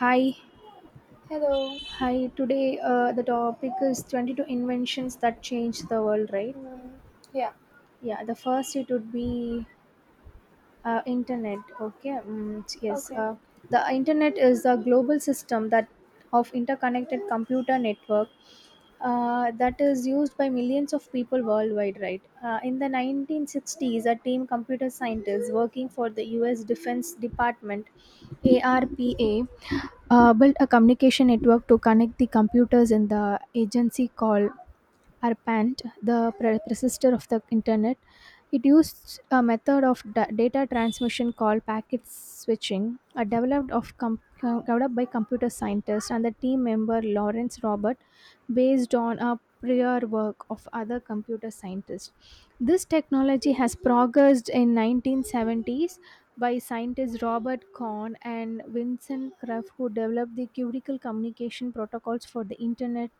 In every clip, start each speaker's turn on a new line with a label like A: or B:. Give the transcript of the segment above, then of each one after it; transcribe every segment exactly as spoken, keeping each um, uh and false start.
A: Hi,
B: Hello.
A: hi. Today, uh, the topic is twenty-two inventions that changed the world, right?
B: Mm, yeah.
A: Yeah, the first it would be uh, internet. Okay, mm, yes.
B: Okay.
A: Uh, the internet is a global system that of interconnected computer network uh, that is used by millions of people worldwide, right? Uh, in the nineteen sixties, a team computer scientists working for the U S Defense Department, ARPA, uh, built a communication network to connect the computers in the agency called ARPANET, the pre- predecessor of the internet. It used a method of da- data transmission called packet switching, uh, developed of com- com- developed by computer scientists and the team member Lawrence Robert, based on a prior work of other computer scientists. This technology has progressed in nineteen seventies by scientists Robert Kahn and Vincent Krupp, who developed the critical communication protocols for the internet.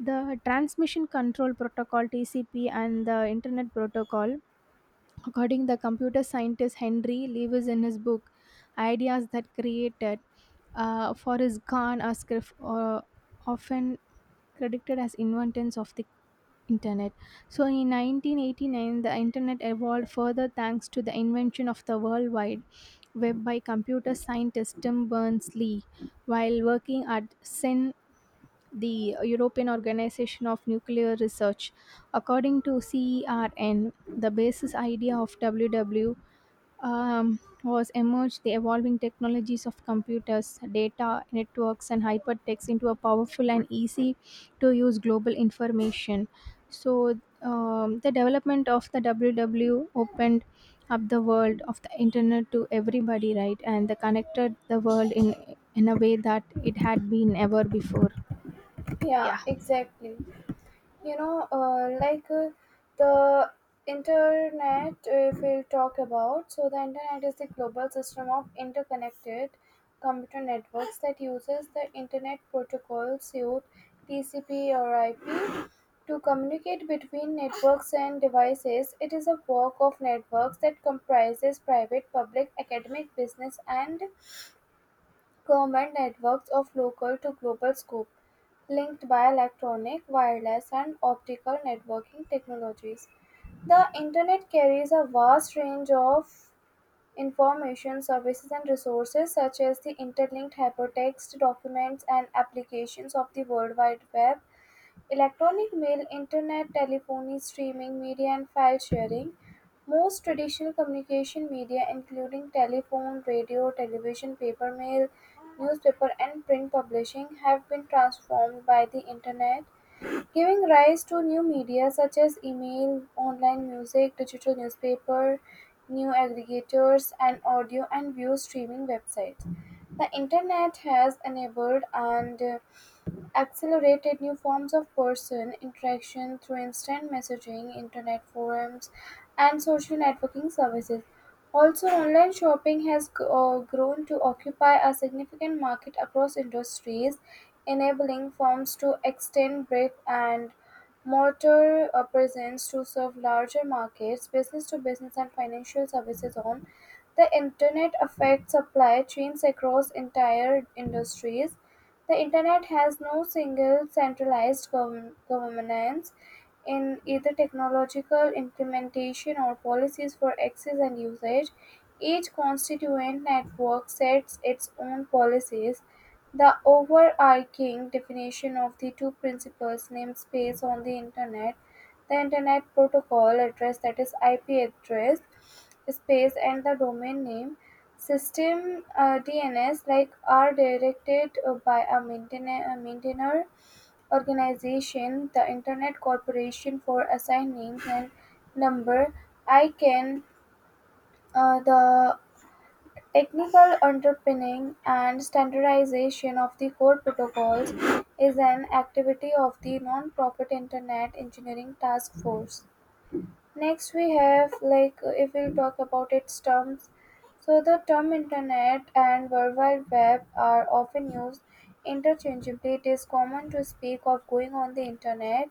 A: The transmission control protocol T C P and the internet protocol, according the computer scientist Henry Lewis in his book Ideas That Created, uh, for his Kahn are scrif- uh, often credited as inventors of the internet. So in nineteen eighty-nine, the internet evolved further thanks to the invention of the World Wide web by computer scientist Tim Berners Lee while working at CERN, the European Organization of Nuclear Research. According to CERN, the basis idea of W W um, was emerged the evolving technologies of computers, data networks, and hypertext into a powerful and easy to use global information. So, um, the development of the W W opened up the world of the internet to everybody, right? And they connected the world in in a way that it had been ever before.
B: Yeah.
A: Yeah.
B: Exactly. You know, uh, like uh, the internet. If we'll talk about, so the internet is the global system of interconnected computer networks that uses the internet protocol suite T C P or I P to communicate between networks and devices. It is a work of networks that comprises private, public, academic, business, and government networks of local to global scope, linked by electronic, wireless, and optical networking technologies. The internet carries a vast range of information, services, and resources, such as the interlinked hypertext documents and applications of the World Wide Web, electronic mail, internet, telephony, streaming media and file sharing. Most traditional communication media including telephone, radio, television, paper mail, newspaper and print publishing have been transformed by the internet, giving rise to new media such as email, online music, digital newspaper, new aggregators and audio and video streaming websites. The internet has enabled and uh, accelerated new forms of person interaction through instant messaging, internet forums, and social networking services. Also, online shopping has g- uh, grown to occupy a significant market across industries, enabling firms to extend brick and mortar uh, presence to serve larger markets, business to business, and financial services on the internet affect supply chains across entire industries. The Internet has no single centralized govern- governance in either technological implementation or policies for access and usage. Each constituent network sets its own policies. The overarching definition of the two principles namespace on the Internet, the Internet Protocol address that is I P address space and the domain name System D N S, like, are directed uh, by a maintainer a maintainer organization, the Internet Corporation for Assigning and number. ICANN. Uh, the technical underpinning and standardization of the core protocols is an activity of the non-profit Internet Engineering Task Force. Next, we have like if we'll talk about its terms. So the term internet and world wide web are often used interchangeably. It is common to speak of going on the internet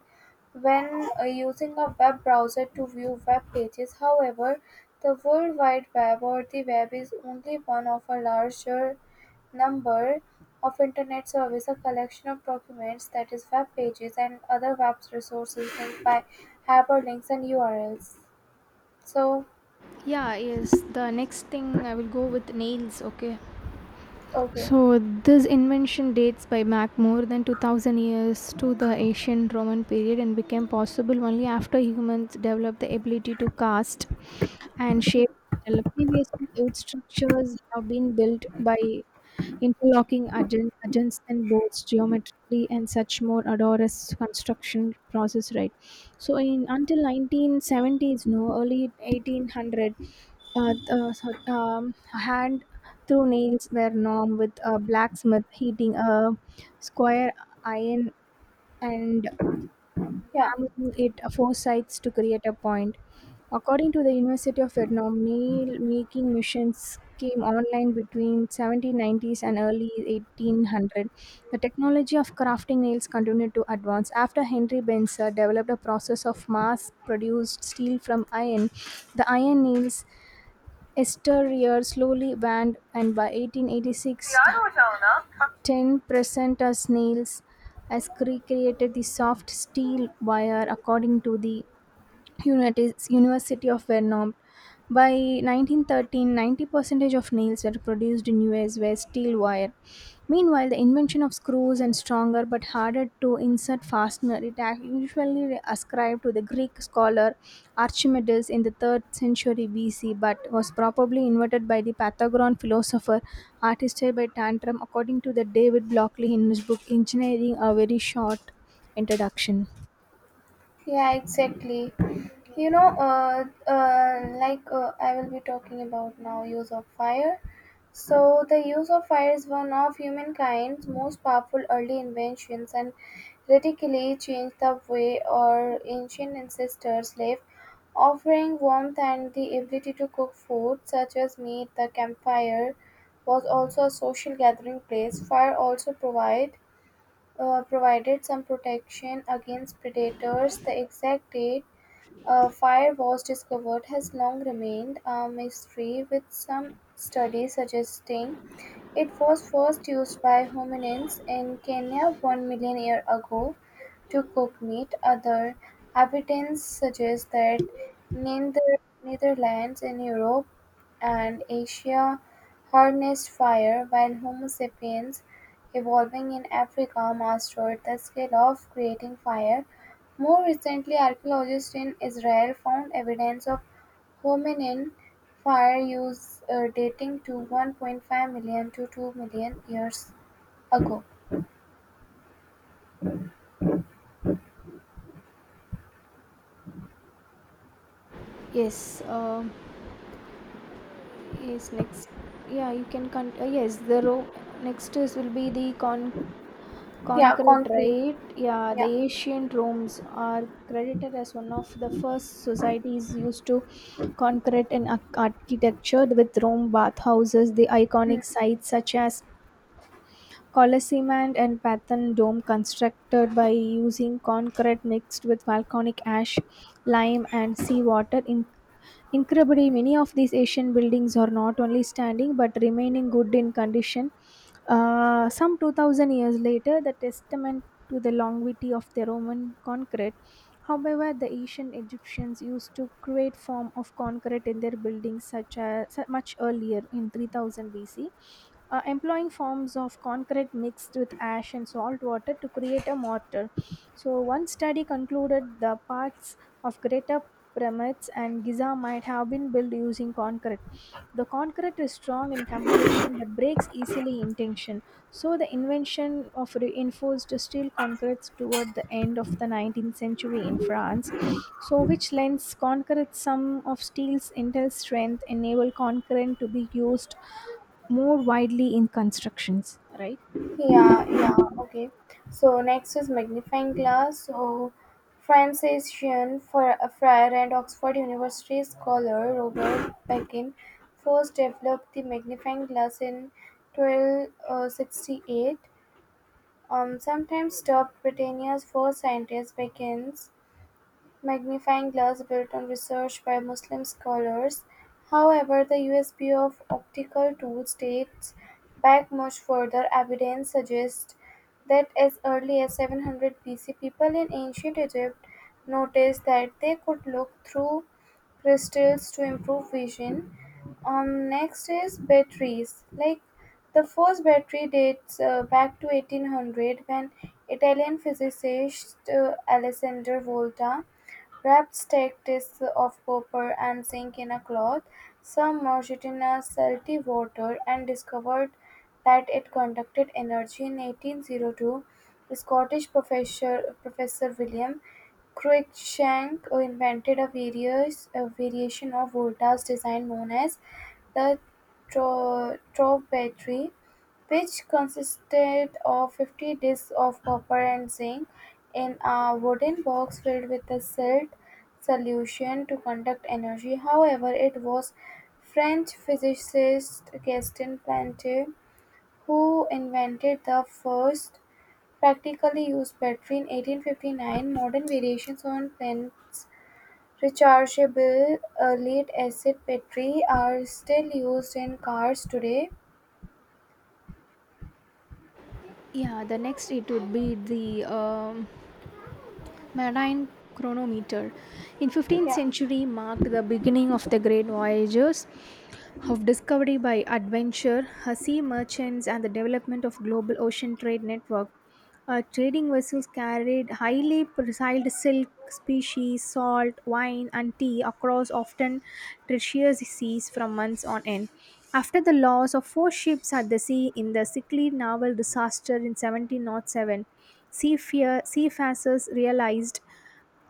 B: when uh, using a web browser to view web pages. However, the world wide web or the web is only one of a larger number of Internet service, a collection of documents, that is, web pages and other web resources linked by hyperlinks and U R Ls. So,
A: Yeah, yes. The next thing I will go with nails, okay?
B: okay,
A: So this invention dates by back more than two thousand years to the ancient Roman period and became possible only after humans developed the ability to cast and shape metal. Previously, the wood structures have been built by interlocking adjun- adjuncts and bolts geometrically and such more odorous construction process, right? So in until nineteen seventies, no, early eighteen hundred, uh, uh, sorry, um, hand through nails were norm with a blacksmith heating a square iron and
B: yeah.
A: examining it four sides to create a point. According to the University of Vietnam, nail making machines came online between seventeen nineties and early eighteen hundred. The technology of crafting nails continued to advance after Henry Benzer developed a process of mass-produced steel from iron. The iron nails exterior slowly banned, and by eighteen eighty-six
B: Diyar Hoca ona.
A: ten present as nails, as Cree created the soft steel wire according to the Unit- University of Vernon. By nineteen thirteen, ninety percent of nails that were produced in U S were steel wire. Meanwhile, the invention of screws and stronger but harder to insert fastener it ac- usually ascribed to the Greek scholar Archimedes in the third century B C but was probably invented by the Pythagorean philosopher Artistes by Tantrum according to the David Blockley in his book Engineering a Very Short Introduction.
B: Yeah, exactly. You know, uh, uh, like uh, I will be talking about now use of fire. So the use of fire is one of humankind's most powerful early inventions and radically changed the way our ancient ancestors lived, offering warmth and the ability to cook food such as meat. The campfire was also a social gathering place. Fire also provided uh, provided some protection against predators. The exact date uh, fire was discovered has long remained a mystery, with some studies suggesting it was first used by hominins in Kenya one million years ago to cook meat; other evidence suggests that Nether- Netherlands in Europe and Asia harnessed fire, while Homo sapiens evolving in Africa mastered the skill of creating fire. More recently, archaeologists in Israel found evidence of hominin fire use uh, dating to one point five million to two million years ago.
A: Yes, uh, Yes, next. Yeah, you can con uh, yes, the Rome next is will be the con
B: Yeah,
A: concrete,
B: concrete.
A: right? Yeah, the
B: Yeah.
A: ancient Romes are credited as one of the first societies used to concrete in ar- architecture with Rome bathhouses, the
B: Hmm.
A: iconic sites such as Colosseum and Pathan Dome constructed by using concrete mixed with volcanic ash, lime and seawater in. Incredibly, many of these ancient buildings are not only standing but remaining good in condition. Uh, some two thousand years later, the testament to the longevity of the Roman concrete. However, the ancient Egyptians used to create form of concrete in their buildings such as much earlier in three thousand B C, uh, employing forms of concrete mixed with ash and salt water to create a mortar. So, one study concluded the parts of greater pyramids and Giza might have been built using concrete. The concrete is strong in comparison but breaks easily in tension. So, the invention of reinforced steel concretes toward the end of the nineteenth century in France, so which lends concrete some of steel's intel strength, enable concrete to be used more widely in constructions, right?
B: Yeah, yeah, okay. So next is magnifying glass. So Franciscan Fr- uh, friar and Oxford University scholar Robert Beckin first developed the magnifying glass in twelve sixty-eight. Um, sometimes dubbed Britannia's first scientist, Beckin's magnifying glass built on research by Muslim scholars. However, the U S P of optical tools dates back much further. Evidence suggests that as early as seven hundred B C, people in ancient Egypt noticed that they could look through crystals to improve vision. Um, next is batteries. Like the first battery dates uh, back to eighteen hundred when Italian physicist uh, Alessandro Volta wrap steak discs of copper and zinc in a cloth, submerged it in a salty water, and discovered that it conducted energy. In eighteen oh two, Scottish professor, professor William Cruikshank invented a, various, a variation of Volta's design known as the tro- trough battery which consisted of fifty discs of copper and zinc in a wooden box filled with a silt solution to conduct energy. However, it was French physicist Gaston Planté who invented the first practically used battery in eighteen fifty-nine. Modern variations on Plant's rechargeable uh, lead-acid battery are still used in cars today.
A: Yeah, the next it would be the um, marine chronometer. In fifteenth
B: Yeah,
A: century marked the beginning of the great voyages of discovery by adventure, uh, sea merchants, and the development of global ocean trade network. Uh, trading vessels carried highly prized silk species, salt, wine, and tea across often treacherous seas from months on end. After the loss of four ships at the sea in the sickly naval disaster in seventeen oh seven, seafa- seafarers realized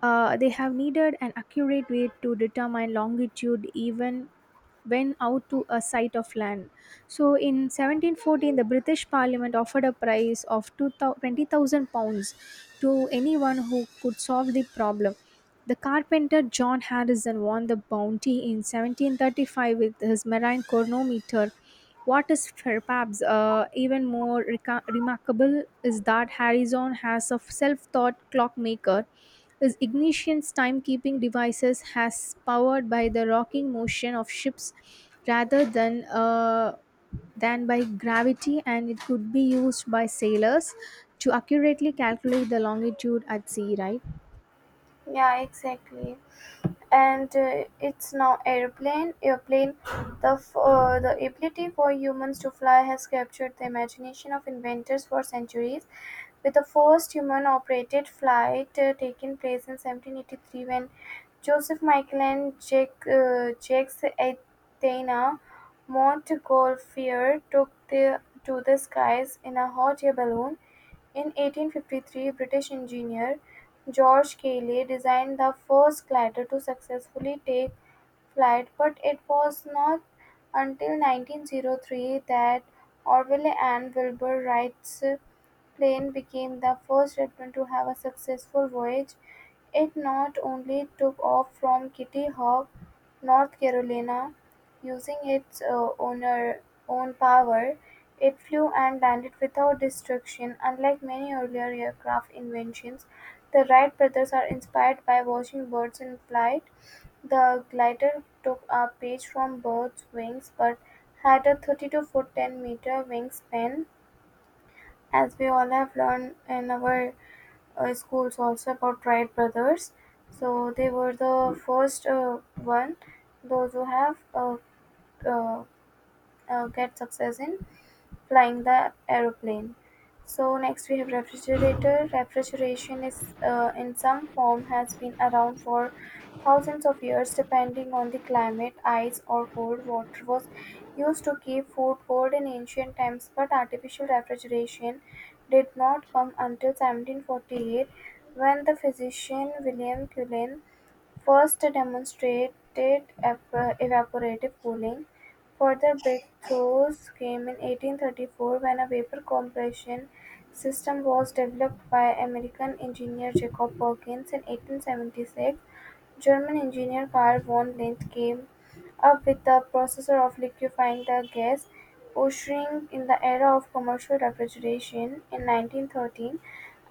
A: uh, they have needed an accurate way to determine longitude even went out to a site of land. So in seventeen fourteen, the British Parliament offered a prize of twenty thousand pounds to anyone who could solve the problem. The carpenter John Harrison won the bounty in seventeen thirty-five with his marine chronometer. What is perhaps uh, even more reca- remarkable is that Harrison has a self taught clockmaker, his ignition's timekeeping devices has powered by the rocking motion of ships rather than uh, than by gravity, and it could be used by sailors to accurately calculate the longitude at sea, right?
B: yeah, exactly. and uh, it's now airplane airplane the f- uh, the ability for humans to fly has captured the imagination of inventors for centuries, with the first human operated flight uh, taking place in seventeen eighty-three when Joseph Michael and jake uh, Jacques Athena Montgolfier took the to the skies in a hot air balloon. In eighteen fifty-three, British engineer George Cayley designed the first glider to successfully take flight, but it was not until nineteen oh three that Orville and Wilbur Wright's plane became the first airplane to have a successful voyage. It not only took off from Kitty Hawk, North Carolina, using its uh, owner, own power, it flew and landed without destruction. Unlike many earlier aircraft inventions, the Wright brothers are inspired by watching birds in flight. The glider took a page from Bird's wings, but had a thirty-two-foot ten-meter wingspan, as we all have learned in our uh, schools also about Wright brothers. So they were the first uh, one, those who have uh, uh, uh, get success in flying the aeroplane. So next we have refrigerator. Refrigeration is uh, in some form has been around for thousands of years depending on the climate. Ice or cold water was used to keep food cold in ancient times, but artificial refrigeration did not come until seventeen forty-eight when the physician William Cullen first they demonstrated evap- evaporative cooling; further breakthroughs came in eighteen-thirty-four when a vapor compression system was developed by American engineer Jacob Perkins in eighteen-seventy-six. German engineer Carl von Linth came up with the process of liquefying the gas, ushering in the era of commercial refrigeration. In nineteen thirteen,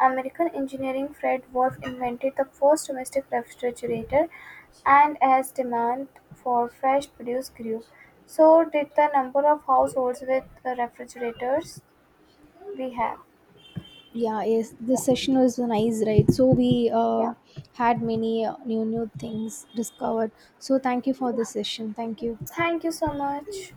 B: American engineer Fred Wolf invented the first domestic refrigerator, and as demand for fresh produce grew, so did the number of households with the refrigerators we have.
A: Yeah, yes,
B: Yeah,
A: this session was nice, right? So we uh,
B: yeah,
A: had many uh, new new things discovered. So thank you for
B: yeah.
A: the session. Thank you.
B: Thank you so much.